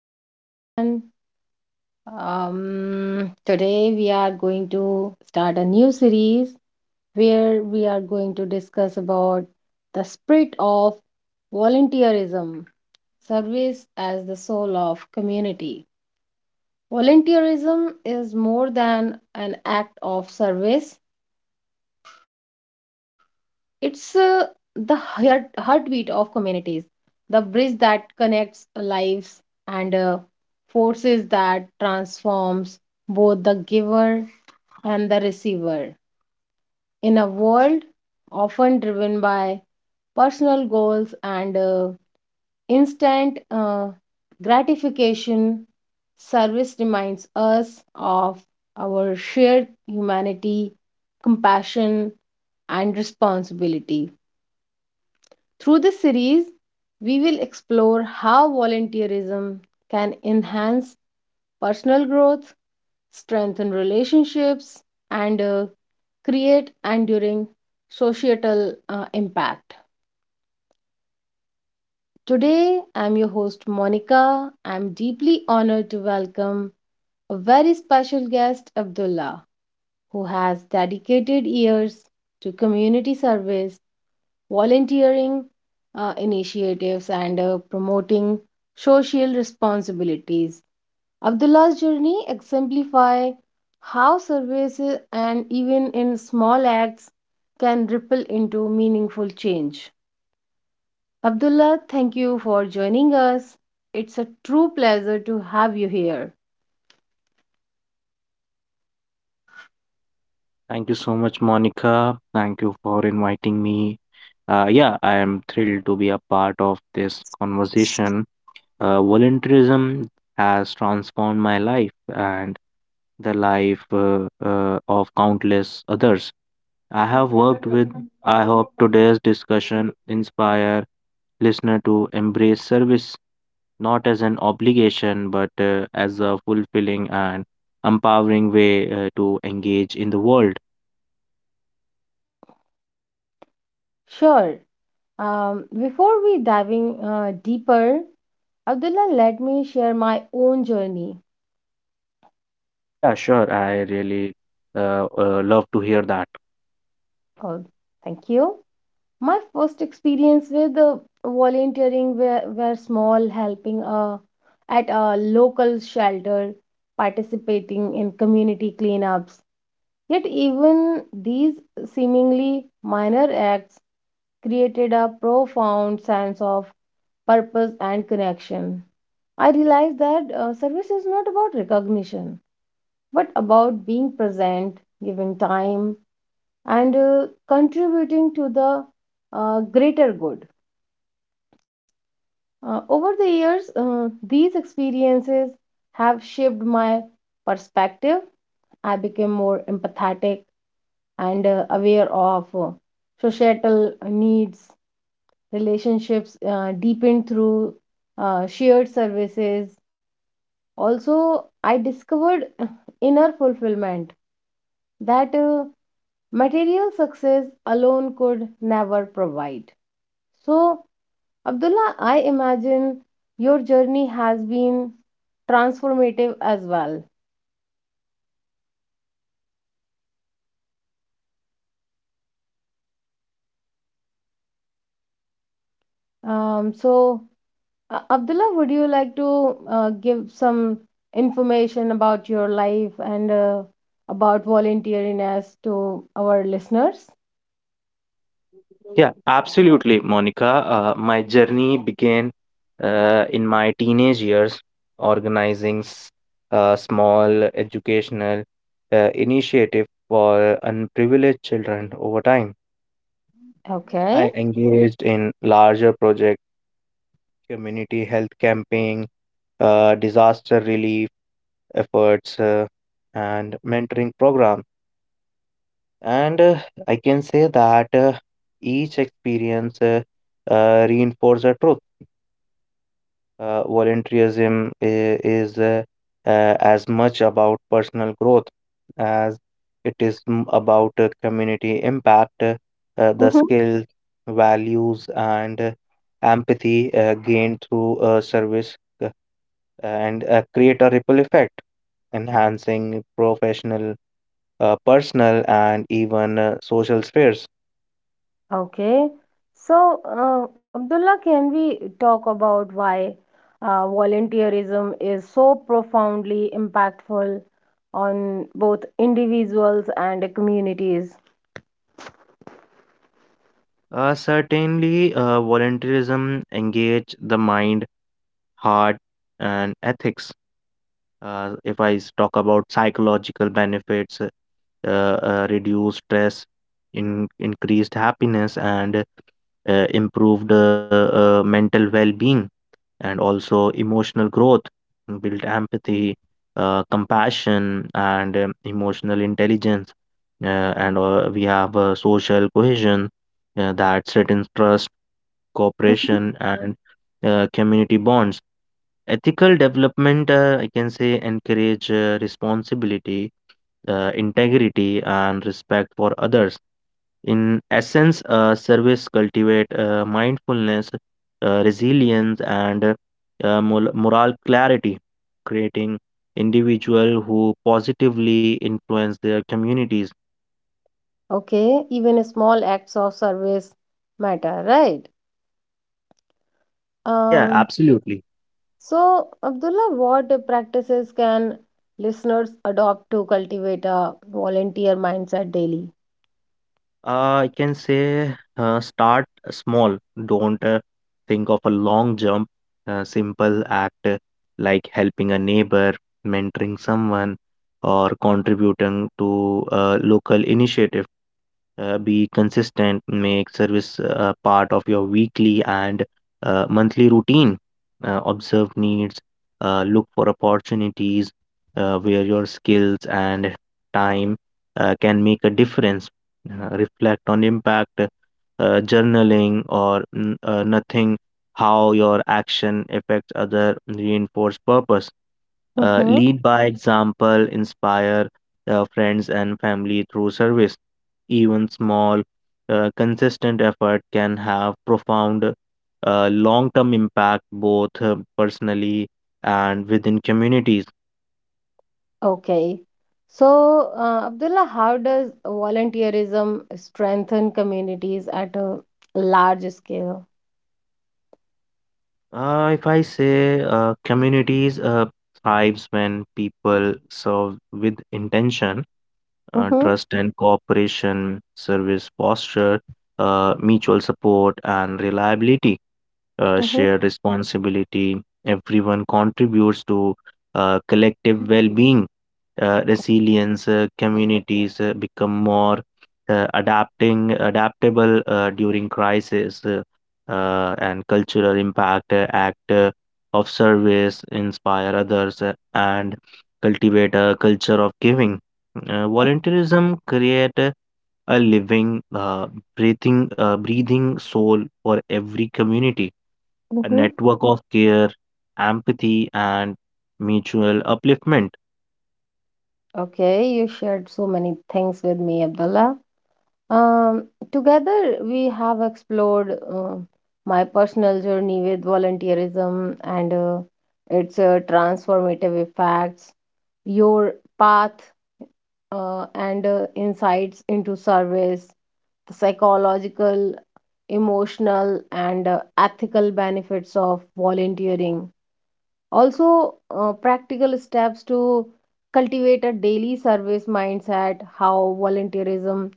everyone. Today we are going to start a new series where we are going to discuss about the spirit of volunteerism, service as the soul of community. Volunteerism is more than an act of service. It's the heartbeat of communities, the bridge that connects lives and forces that transforms both the giver and the receiver. In a world often driven by personal goals and instant gratification, service reminds us of our shared humanity, compassion, and responsibility. Through this series, we will explore how volunteerism can enhance personal growth, strengthen relationships, and create enduring societal impact. Today, I'm your host Monica. I'm deeply honored to welcome a very special guest, Abdullah, who has dedicated years to community service volunteering initiatives, and promoting social responsibilities. Abdullah's journey exemplify how services and even in small acts can ripple into meaningful change. Abdullah, thank you for joining us. It's a true pleasure to have you here. Thank you so much, Monica. Thank you for inviting me. Yeah, I am thrilled to be a part of this conversation. Volunteerism has transformed my life and the life of countless others I have worked with. I hope today's discussion inspire listener to embrace service not as an obligation but as a fulfilling and empowering way to engage in the world. Sure. Before we diving deeper, Abdullah, let me share my own journey. Yeah, sure. I really love to hear that. Oh, thank you. My first experience with volunteering were small, helping at a local shelter, participating in community cleanups. Yet, even these seemingly minor acts created a profound sense of purpose and connection. I realized that service is not about recognition, but about being present, giving time, and contributing to the greater good. Over the years, these experiences have shaped my perspective. I became more empathetic and aware of societal needs. Relationships deepened through shared services. Also, I discovered inner fulfillment that material success alone could never provide. So, Abdullah, I imagine your journey has been transformative as well. So, Abdullah, would you like to give some information about your life and about volunteeriness to our listeners? Yeah, absolutely, Monica. My journey began in my teenage years, organizing a small educational initiative for unprivileged children over time. Okay. I engaged in larger projects, community health camping, disaster relief efforts, and mentoring programs. And I can say that each experience reinforces the truth. Volunteerism is uh, as much about personal growth as it is about community impact. The skills, values, and empathy gained through service uh, and create a ripple effect, enhancing professional, personal, and even social spheres. Okay. So, Abdullah, can we talk about why volunteerism is so profoundly impactful on both individuals and communities? Certainly, volunteerism engage the mind, heart, and ethics. If I talk about psychological benefits, reduced stress, increased happiness, and improved mental well-being, and also emotional growth, build empathy, compassion, and emotional intelligence. And we have social cohesion that strengthens trust cooperation, and community bonds. Ethical development, I can say, encourage responsibility, integrity, and respect for others. In essence, service cultivate mindfulness, resilience, and moral clarity, creating individual who positively influence their communities. Okay, even small acts of service matter, right? Yeah, Um, absolutely. so, Abdullah, what practices can listeners adopt to cultivate a volunteer mindset daily? I can say start small. Don't think of a long jump. A simple act like helping a neighbor, mentoring someone, or contributing to a local initiative. Be consistent. Make service part of your weekly and monthly routine. Observe needs. Look for opportunities where your skills and time can make a difference. Reflect on impact, journaling, or nothing, how your action affects other, reinforce purpose. Lead by example, inspire friends and family through service. Even small, consistent effort can have profound long term impact both personally and within communities. Okay. So, Abdullah, how does volunteerism strengthen communities at a large scale? If I say communities thrives when people serve with intention, Mm-hmm, trust and cooperation, service posture, mutual support and reliability, mm-hmm, shared responsibility. Everyone contributes to collective well being. Resilience communities become more adapting adaptable during crisis, and cultural impact, act of service inspire others and cultivate a culture of giving. Volunteerism create a living, breathing soul for every community, a mm-hmm. network of care, empathy, and mutual upliftment. Okay, you shared so many things with me, Abdullah. Um, Together, we have explored my personal journey with volunteerism and its transformative effects, your path and insights into service, the psychological, emotional, and ethical benefits of volunteering. Also, practical steps to cultivate a daily service mindset, how volunteerism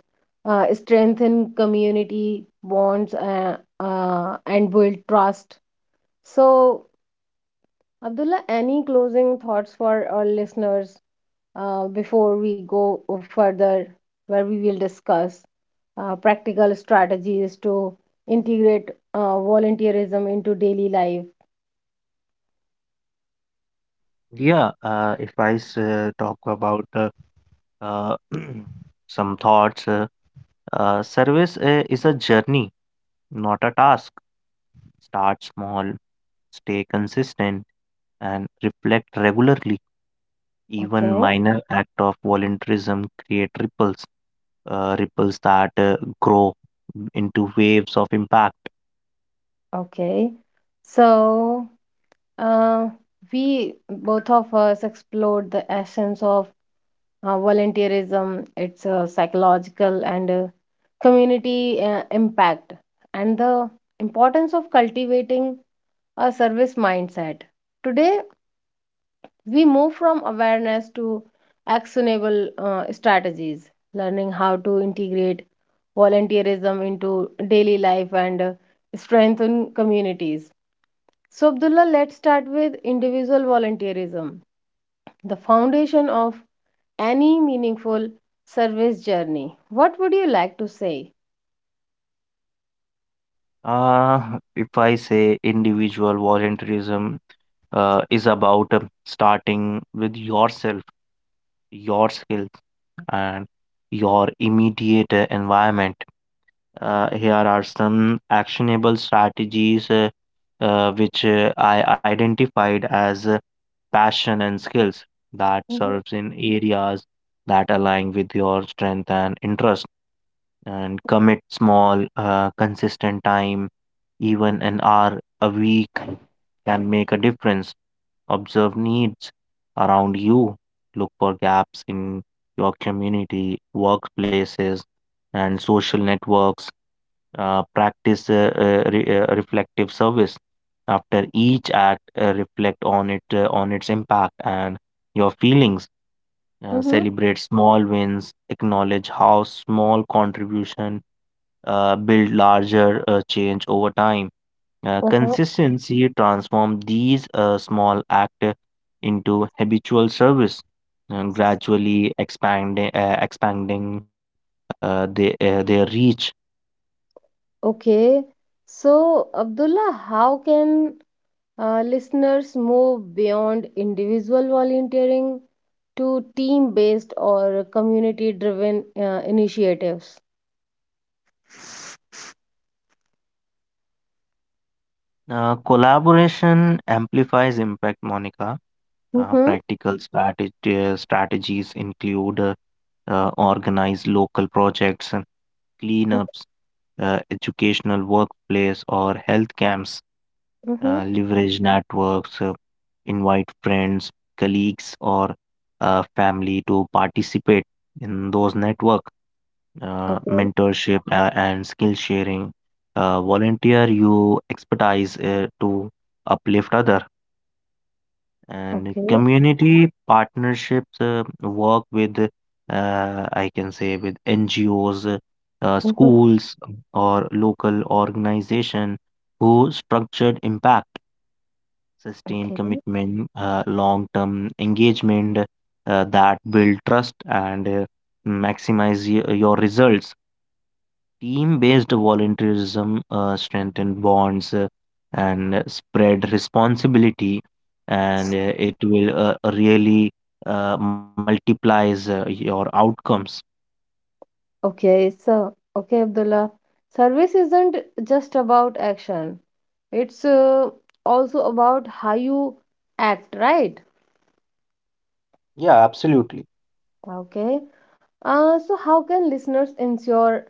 strengthen community bonds and build trust. So, Abdullah, any closing thoughts for our listeners before we go further, where we will discuss practical strategies to integrate volunteerism into daily life? Yeah, if I talk about uh, some thoughts, service is a journey, not a task. Start small, stay consistent, and reflect regularly. Even Okay, minor act of volunteerism create ripples, ripples that grow into waves of impact. okay. So, uh, we both of us explored the essence of volunteerism, its psychological and community impact, and the importance of cultivating a service mindset. Today, we move from awareness to actionable strategies, learning how to integrate volunteerism into daily life and strengthen communities. So, Abdullah, let's start with individual volunteerism, the foundation of any meaningful service journey. What would you like to say? If I say individual volunteerism is about starting with yourself, your skills, and your immediate environment. Here are some actionable strategies which I identified as passion and skills that Mm-hmm. serves in areas that align with your strength and interest, and commit small, consistent time, even an hour a week can make a difference. Observe needs around you, look for gaps in your community, workplaces, and social networks. Practice reflective service after each act. Reflect on it, on its impact and your feelings. Mm-hmm. Celebrate small wins. Acknowledge how small contribution build larger change over time. Uh-huh. Consistency transforms these small act into habitual service, and gradually expanding their reach. Okay, so Abdullah, how can listeners move beyond individual volunteering to team-based or community-driven initiatives? Collaboration amplifies impact, Monica. Mm-hmm. Practical strategies include organize local projects, cleanups, educational workplace, or health camps. Mm-hmm. Leverage networks, invite friends, colleagues, or family to participate in those network. Okay, Mentorship and skill sharing. Volunteer your expertise to uplift other, and okay, community partnerships work with, I can say with NGOs, Mm-hmm. schools, or local organization who structured impact sustained okay. commitment, long term engagement that build trust and maximize your results. Team based volunteerism strengthen bonds and spread responsibility, and it will really multiplies your outcomes. Okay, so okay, Abdullah. Service isn't just about action. It's also about how you act, right? Yeah, absolutely. Okay. So how can listeners ensure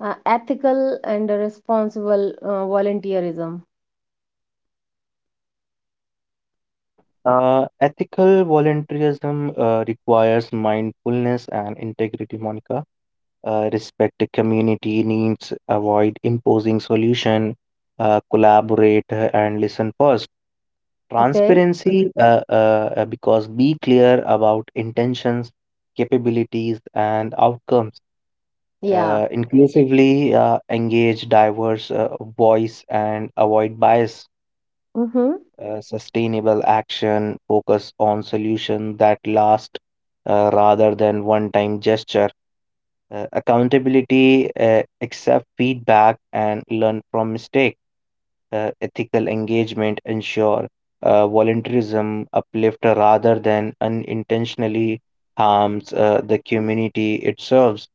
ethical and responsible volunteerism? Ethical volunteerism requires mindfulness and integrity, Monica. Respect the community needs, avoid imposing solution, collaborate and listen first. Okay. Transparency, because be clear about intentions, capabilities, and outcomes. Yeah. Inclusively engage diverse voice and avoid bias. Mm-hmm. Sustainable action, focus on solution that last rather than one-time gesture. Accountability, accept feedback and learn from mistake. Ethical engagement, ensure voluntarism uplift rather than unintentionally harms the community it serves.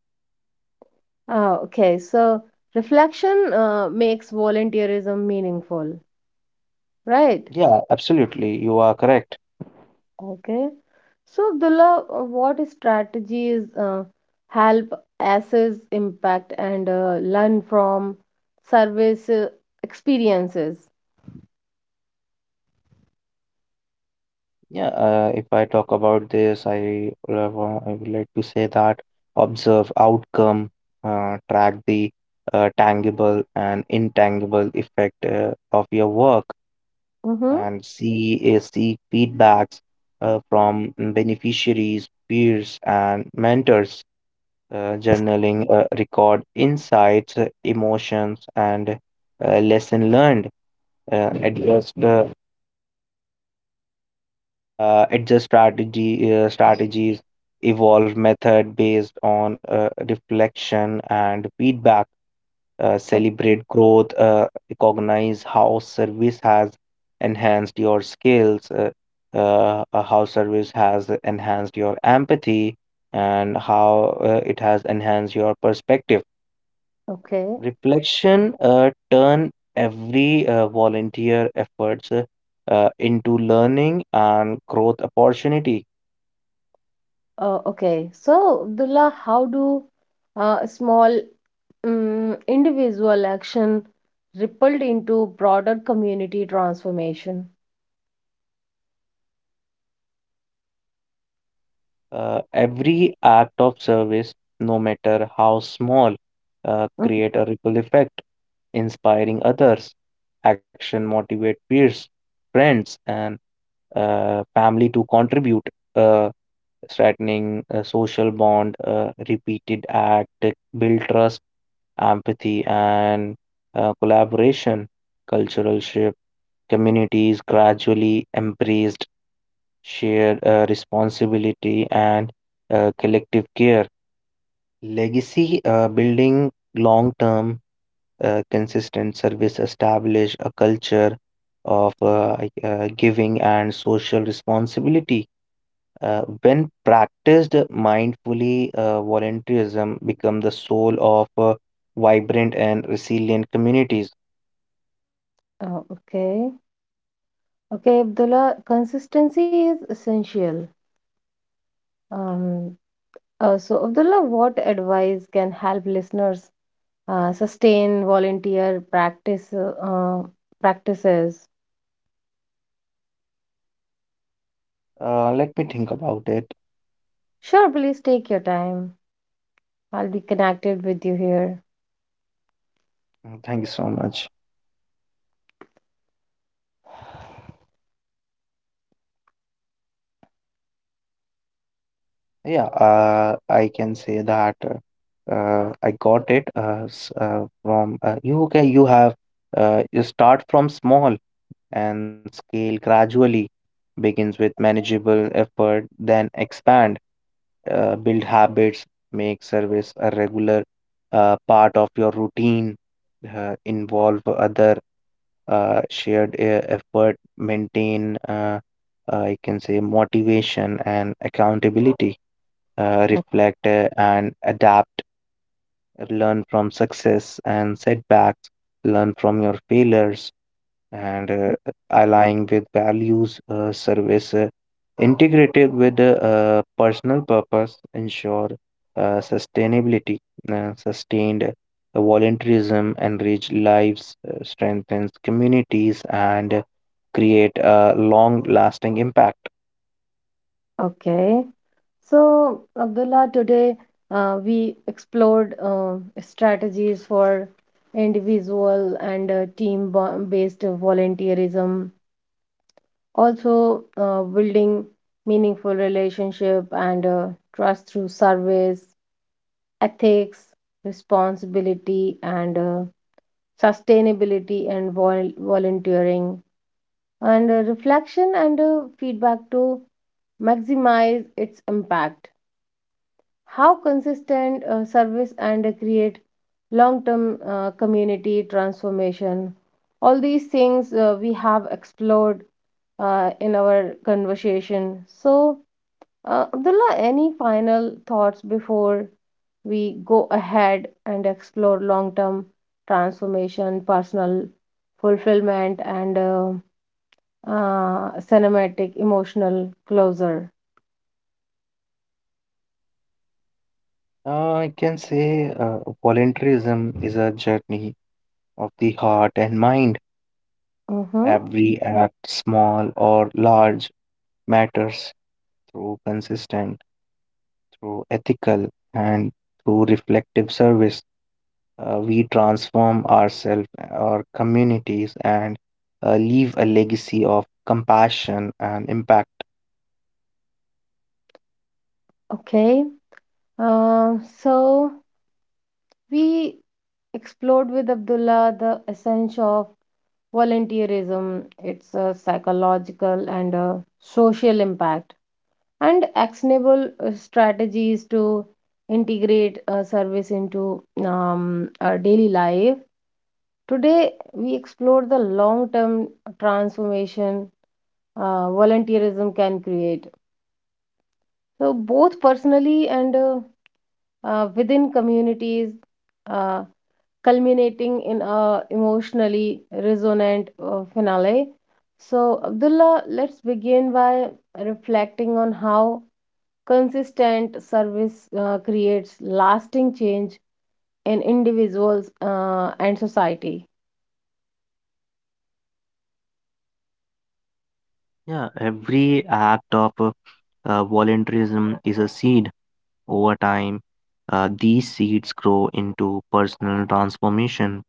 Okay. So reflection makes volunteerism meaningful, right? Yeah, absolutely. You are correct. Okay. So, Abdullah, what strategies help assess impact and learn from service experiences? Yeah, if I talk about this, I would like to say that observe outcome, track the tangible and intangible effect of your work, Mm-hmm. and seek feedbacks from beneficiaries, peers, and mentors. Journaling record insights, emotions, and lesson learned. Address the adjust strategy strategies, evolve method based on reflection and feedback, celebrate growth, recognize how service has enhanced your skills, how service has enhanced your empathy, and how it has enhanced your perspective. Okay. Reflection turn every volunteer efforts into learning and growth opportunity. Okay. So, Abdullah, how do small individual action rippled into broader community transformation? Every act of service, no matter how small, Mhm. create a ripple effect, inspiring others. Action motivate peers, friends, and family to contribute, uh, strengthening a social bond. Repeated act build trust, empathy, and collaboration. Cultural shift communities gradually embraced shared responsibility, and collective care. Legacy building long term consistent service establish a culture of giving and social responsibility. When practiced mindfully, volunteerism become the soul of vibrant and resilient communities. Okay. Okay, Abdullah, consistency is essential. Um, so, Abdullah, what advice can help listeners sustain volunteer practice practices? Let me think about it. Sure, please take your time. I'll be connected with you here. Mm, thank you so much. Yeah, I can say that I got it from you. Can you have, you start from small and scale gradually. Begins with manageable effort, then expand, build habits, make service a regular part of your routine, involve other shared effort, maintain. I can say motivation and accountability, reflect and adapt, learn from success and setbacks, learn from your failures, and aligning with values, service integrated with personal purpose, ensure sustainability, sustained volunteerism, enrich lives, strengthens communities, and create a long lasting impact. Okay. Okay. So, Abdullah, today we explored strategies for individual and team based volunteerism, also building meaningful relationship and trust through service ethics, responsibility, and sustainability and volunteering, and reflection and feedback to maximize its impact. How consistent service and create long term community transformation. All these things we have explored in our conversation. So, Abdullah, any final thoughts before we go ahead and explore long term transformation, personal fulfillment, and cinematic emotional closure? I can say volunteerism is a journey of the heart and mind. Mm-hmm. Every act, small or large, matters through consistent, through ethical, and through reflective service. We transform ourselves, our communities, and leave a legacy of compassion and impact. Okay. Uh, so we explored with Abdullah the essence of volunteerism, its psychological and social impact. And actionable strategies to integrate service into our daily life. Today, we explore the long term transformation volunteerism can create. So, both personally and within communities, uh, culminating in a emotionally resonant finale. So, Abdullah, let's begin by reflecting on how Consistent service creates lasting change in individuals and society. Yeah, every act of voluntarism is a seed. Over time, these seeds grow into personal transformation.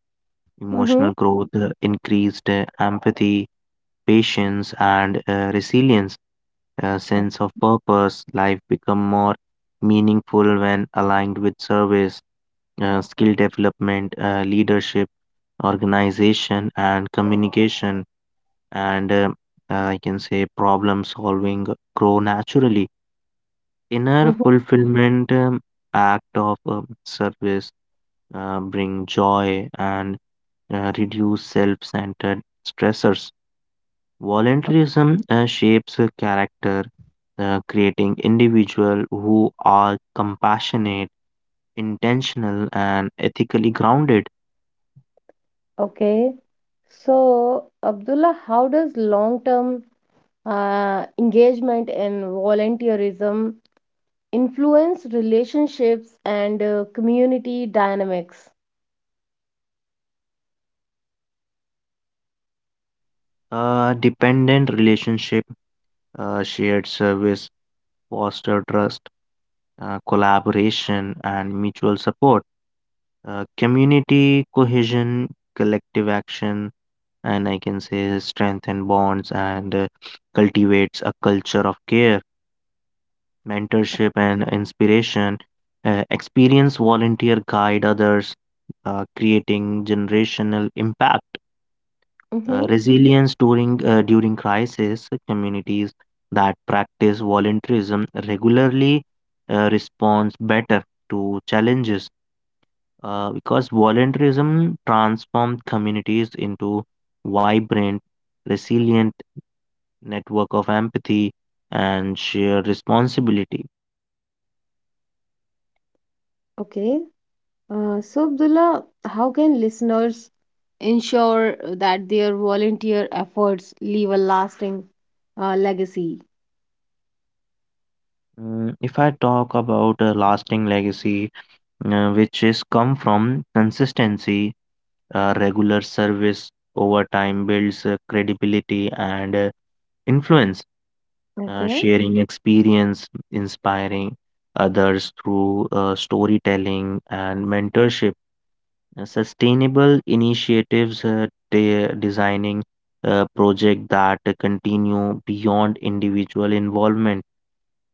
Mm-hmm. Emotional growth, increased empathy, patience, and resilience, a sense of purpose. Life become more meaningful when aligned with service, skill development, leadership, organization, and communication, and I can say problem solving grow naturally. Inner Mhm. fulfillment, act of service bring joy and reduce self centered stressors. Voluntarism shapes a character, creating individuals who are compassionate, intentional, and ethically grounded. Okay. So, Abdullah, how does long-term engagement in volunteerism influence relationships and community dynamics? A dependent relationship, shared service, foster trust, collaboration, and mutual support. Community cohesion, collective action, and I can say strengthen bonds and cultivates a culture of care. Mentorship and inspiration, experience volunteer guide others, creating generational impact, Mm-hmm. resilience during crisis. Communities that practice volunteerism regularly responds better to challenges because volunteerism transforms communities into vibrant, resilient network of empathy and shared responsibility. Okay. So, Abdullah, how can listeners ensure that their volunteer efforts leave a lasting legacy. Mm, if I talk about a lasting legacy, which is come from consistency, regular service over time builds credibility and influence, Okay. sharing experience, inspiring others through storytelling and mentorship. Sustainable initiatives, designing project that continue beyond individual involvement.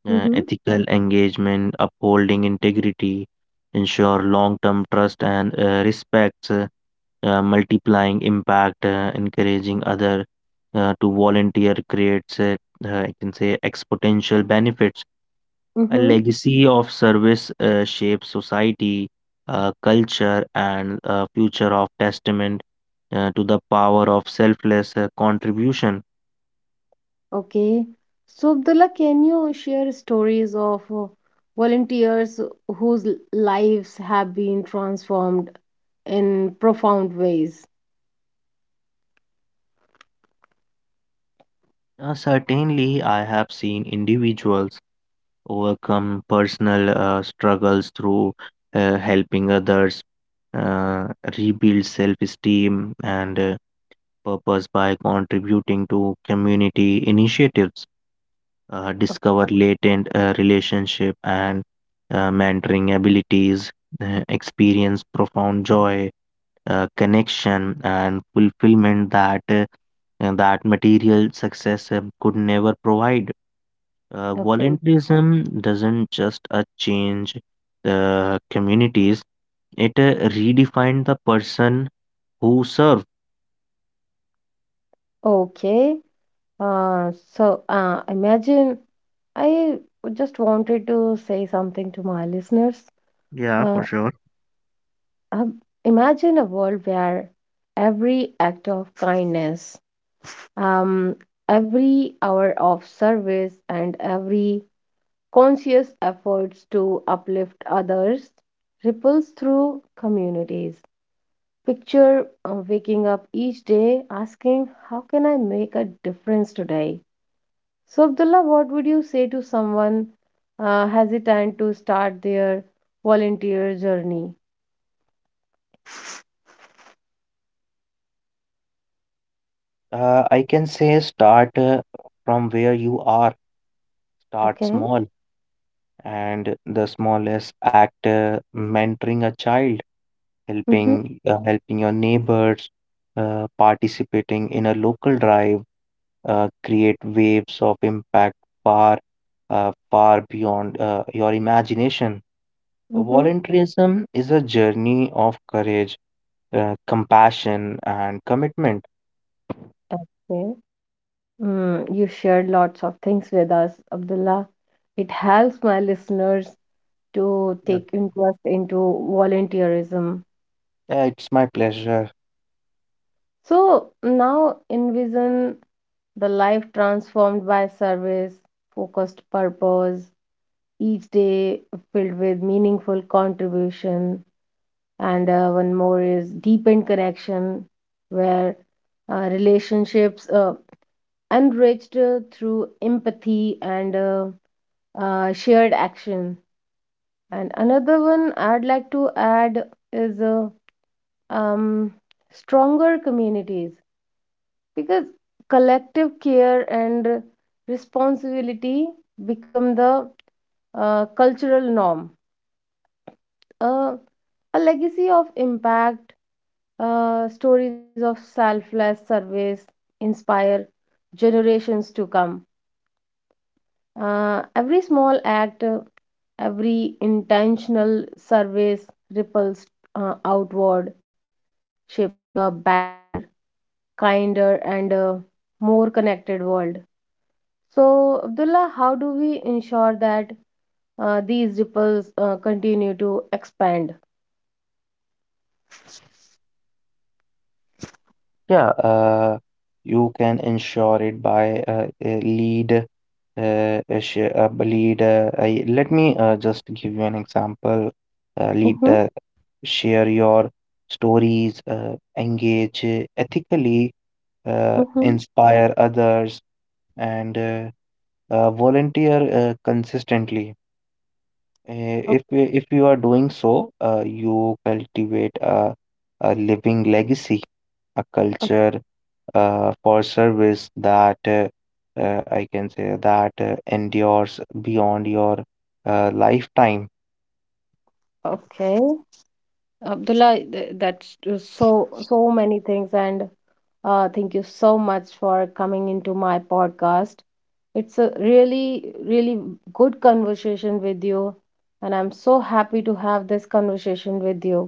Mm-hmm. Ethical engagement, upholding integrity, ensure long term trust and respects, multiplying impact, encouraging other to volunteer creates, I can say, exponential benefits. A Mm-hmm. legacy of service shapes society, culture, and future of testament to the power of selfless contribution. Okay. So, Abdullah, can you share stories of volunteers whose lives have been transformed in profound ways? Certainly, I have seen individuals overcome personal struggles through helping others, uh, rebuild self esteem and purpose by contributing to community initiatives, discover latent relationship and mentoring abilities, experience profound joy, connection, and fulfillment that. And that material success could never provide. Okay. Volunteerism doesn't just change the communities, it redefines the person who serve. Okay. Imagine I just wanted to say something to my listeners. Yeah, for Uh, sure. Um, Imagine a world where every act of kindness, um, every hour of service, and every conscious efforts to uplift others ripples through communities. Picture waking up each day asking, How can I make a difference today? So, Abdullah, what would you say to someone hesitant to start their volunteer journey? I can say start from where you are, start Okay. small, and the smallest act, mentoring a child, Mm-hmm. Helping your neighbors, participating in a local drive, create waves of impact far far beyond your imagination. Mm-hmm. Volunteerism is a journey of courage, compassion, and commitment. Okay. Mm, you shared lots of things with us, Abdullah. It helps my listeners to Yeah. take interest into volunteerism. Yeah, it's my pleasure. So now envision the life transformed by service, focused purpose, each day filled with meaningful contribution. And one more is deepened connection, where relationships enriched through empathy and shared action. And another one I'd like to add is um, stronger communities because collective care and responsibility become the cultural norm, uh, a legacy of impact. Stories of selfless service inspire generations to come. Every small act, every intentional service ripples outward, shaping a better, kinder, and more connected world. So, Abdullah, how do we ensure that these ripples continue to expand? Yeah, you can ensure it by a lead. A sh- a b- lead. Let me just give you an example. Lead. Mm-hmm. Share your stories. Engage ethically. Mm-hmm. Inspire others, and volunteer consistently. If Okay, if you are doing so, you cultivate a living legacy, a culture for service that I can say that endures beyond your lifetime. okay. Abdullah, that's so so many things, and thank you so much for coming into my podcast. It's a really, really good conversation with you, and I'm so happy to have this conversation with you.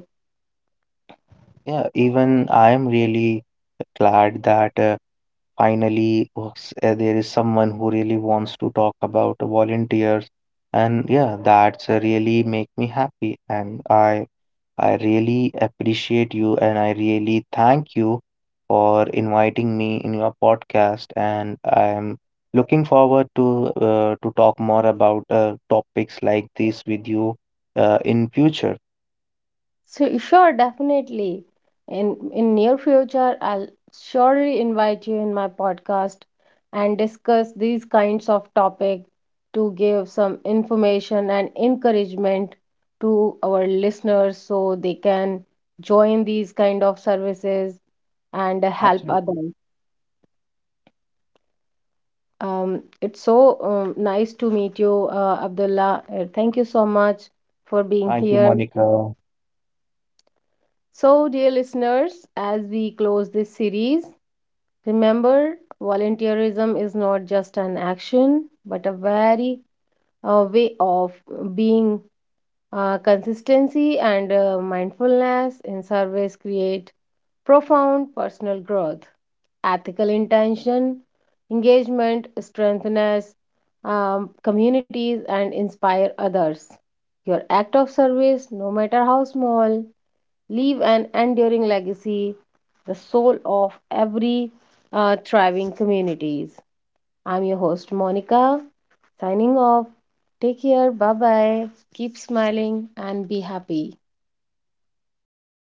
Yeah, even I am really glad that finally there is someone who really wants to talk about volunteers, and yeah, that's really make me happy, and I really appreciate you and I really thank you for inviting me in your podcast. And I'm looking forward to talk more about topics like this with you in future. So sure, definitely. In near future, I'll surely invite you in my podcast and discuss these kinds of topic to give some information and encouragement to our listeners so they can join these kind of services and help Absolutely. others. It's so nice to meet you, Abdullah. Thank you so much for being Thank you, here. Monica. So, dear listeners, as we close this series, remember volunteerism is not just an action, but a very way of being consistency and mindfulness in service create profound personal growth. Ethical intention, engagement, strengthens communities, and inspire others. Your act of service, no matter how small, leave an enduring legacy, the soul of every thriving communities. I'm your host Monica, signing off. Take care, bye bye, keep smiling, and be happy.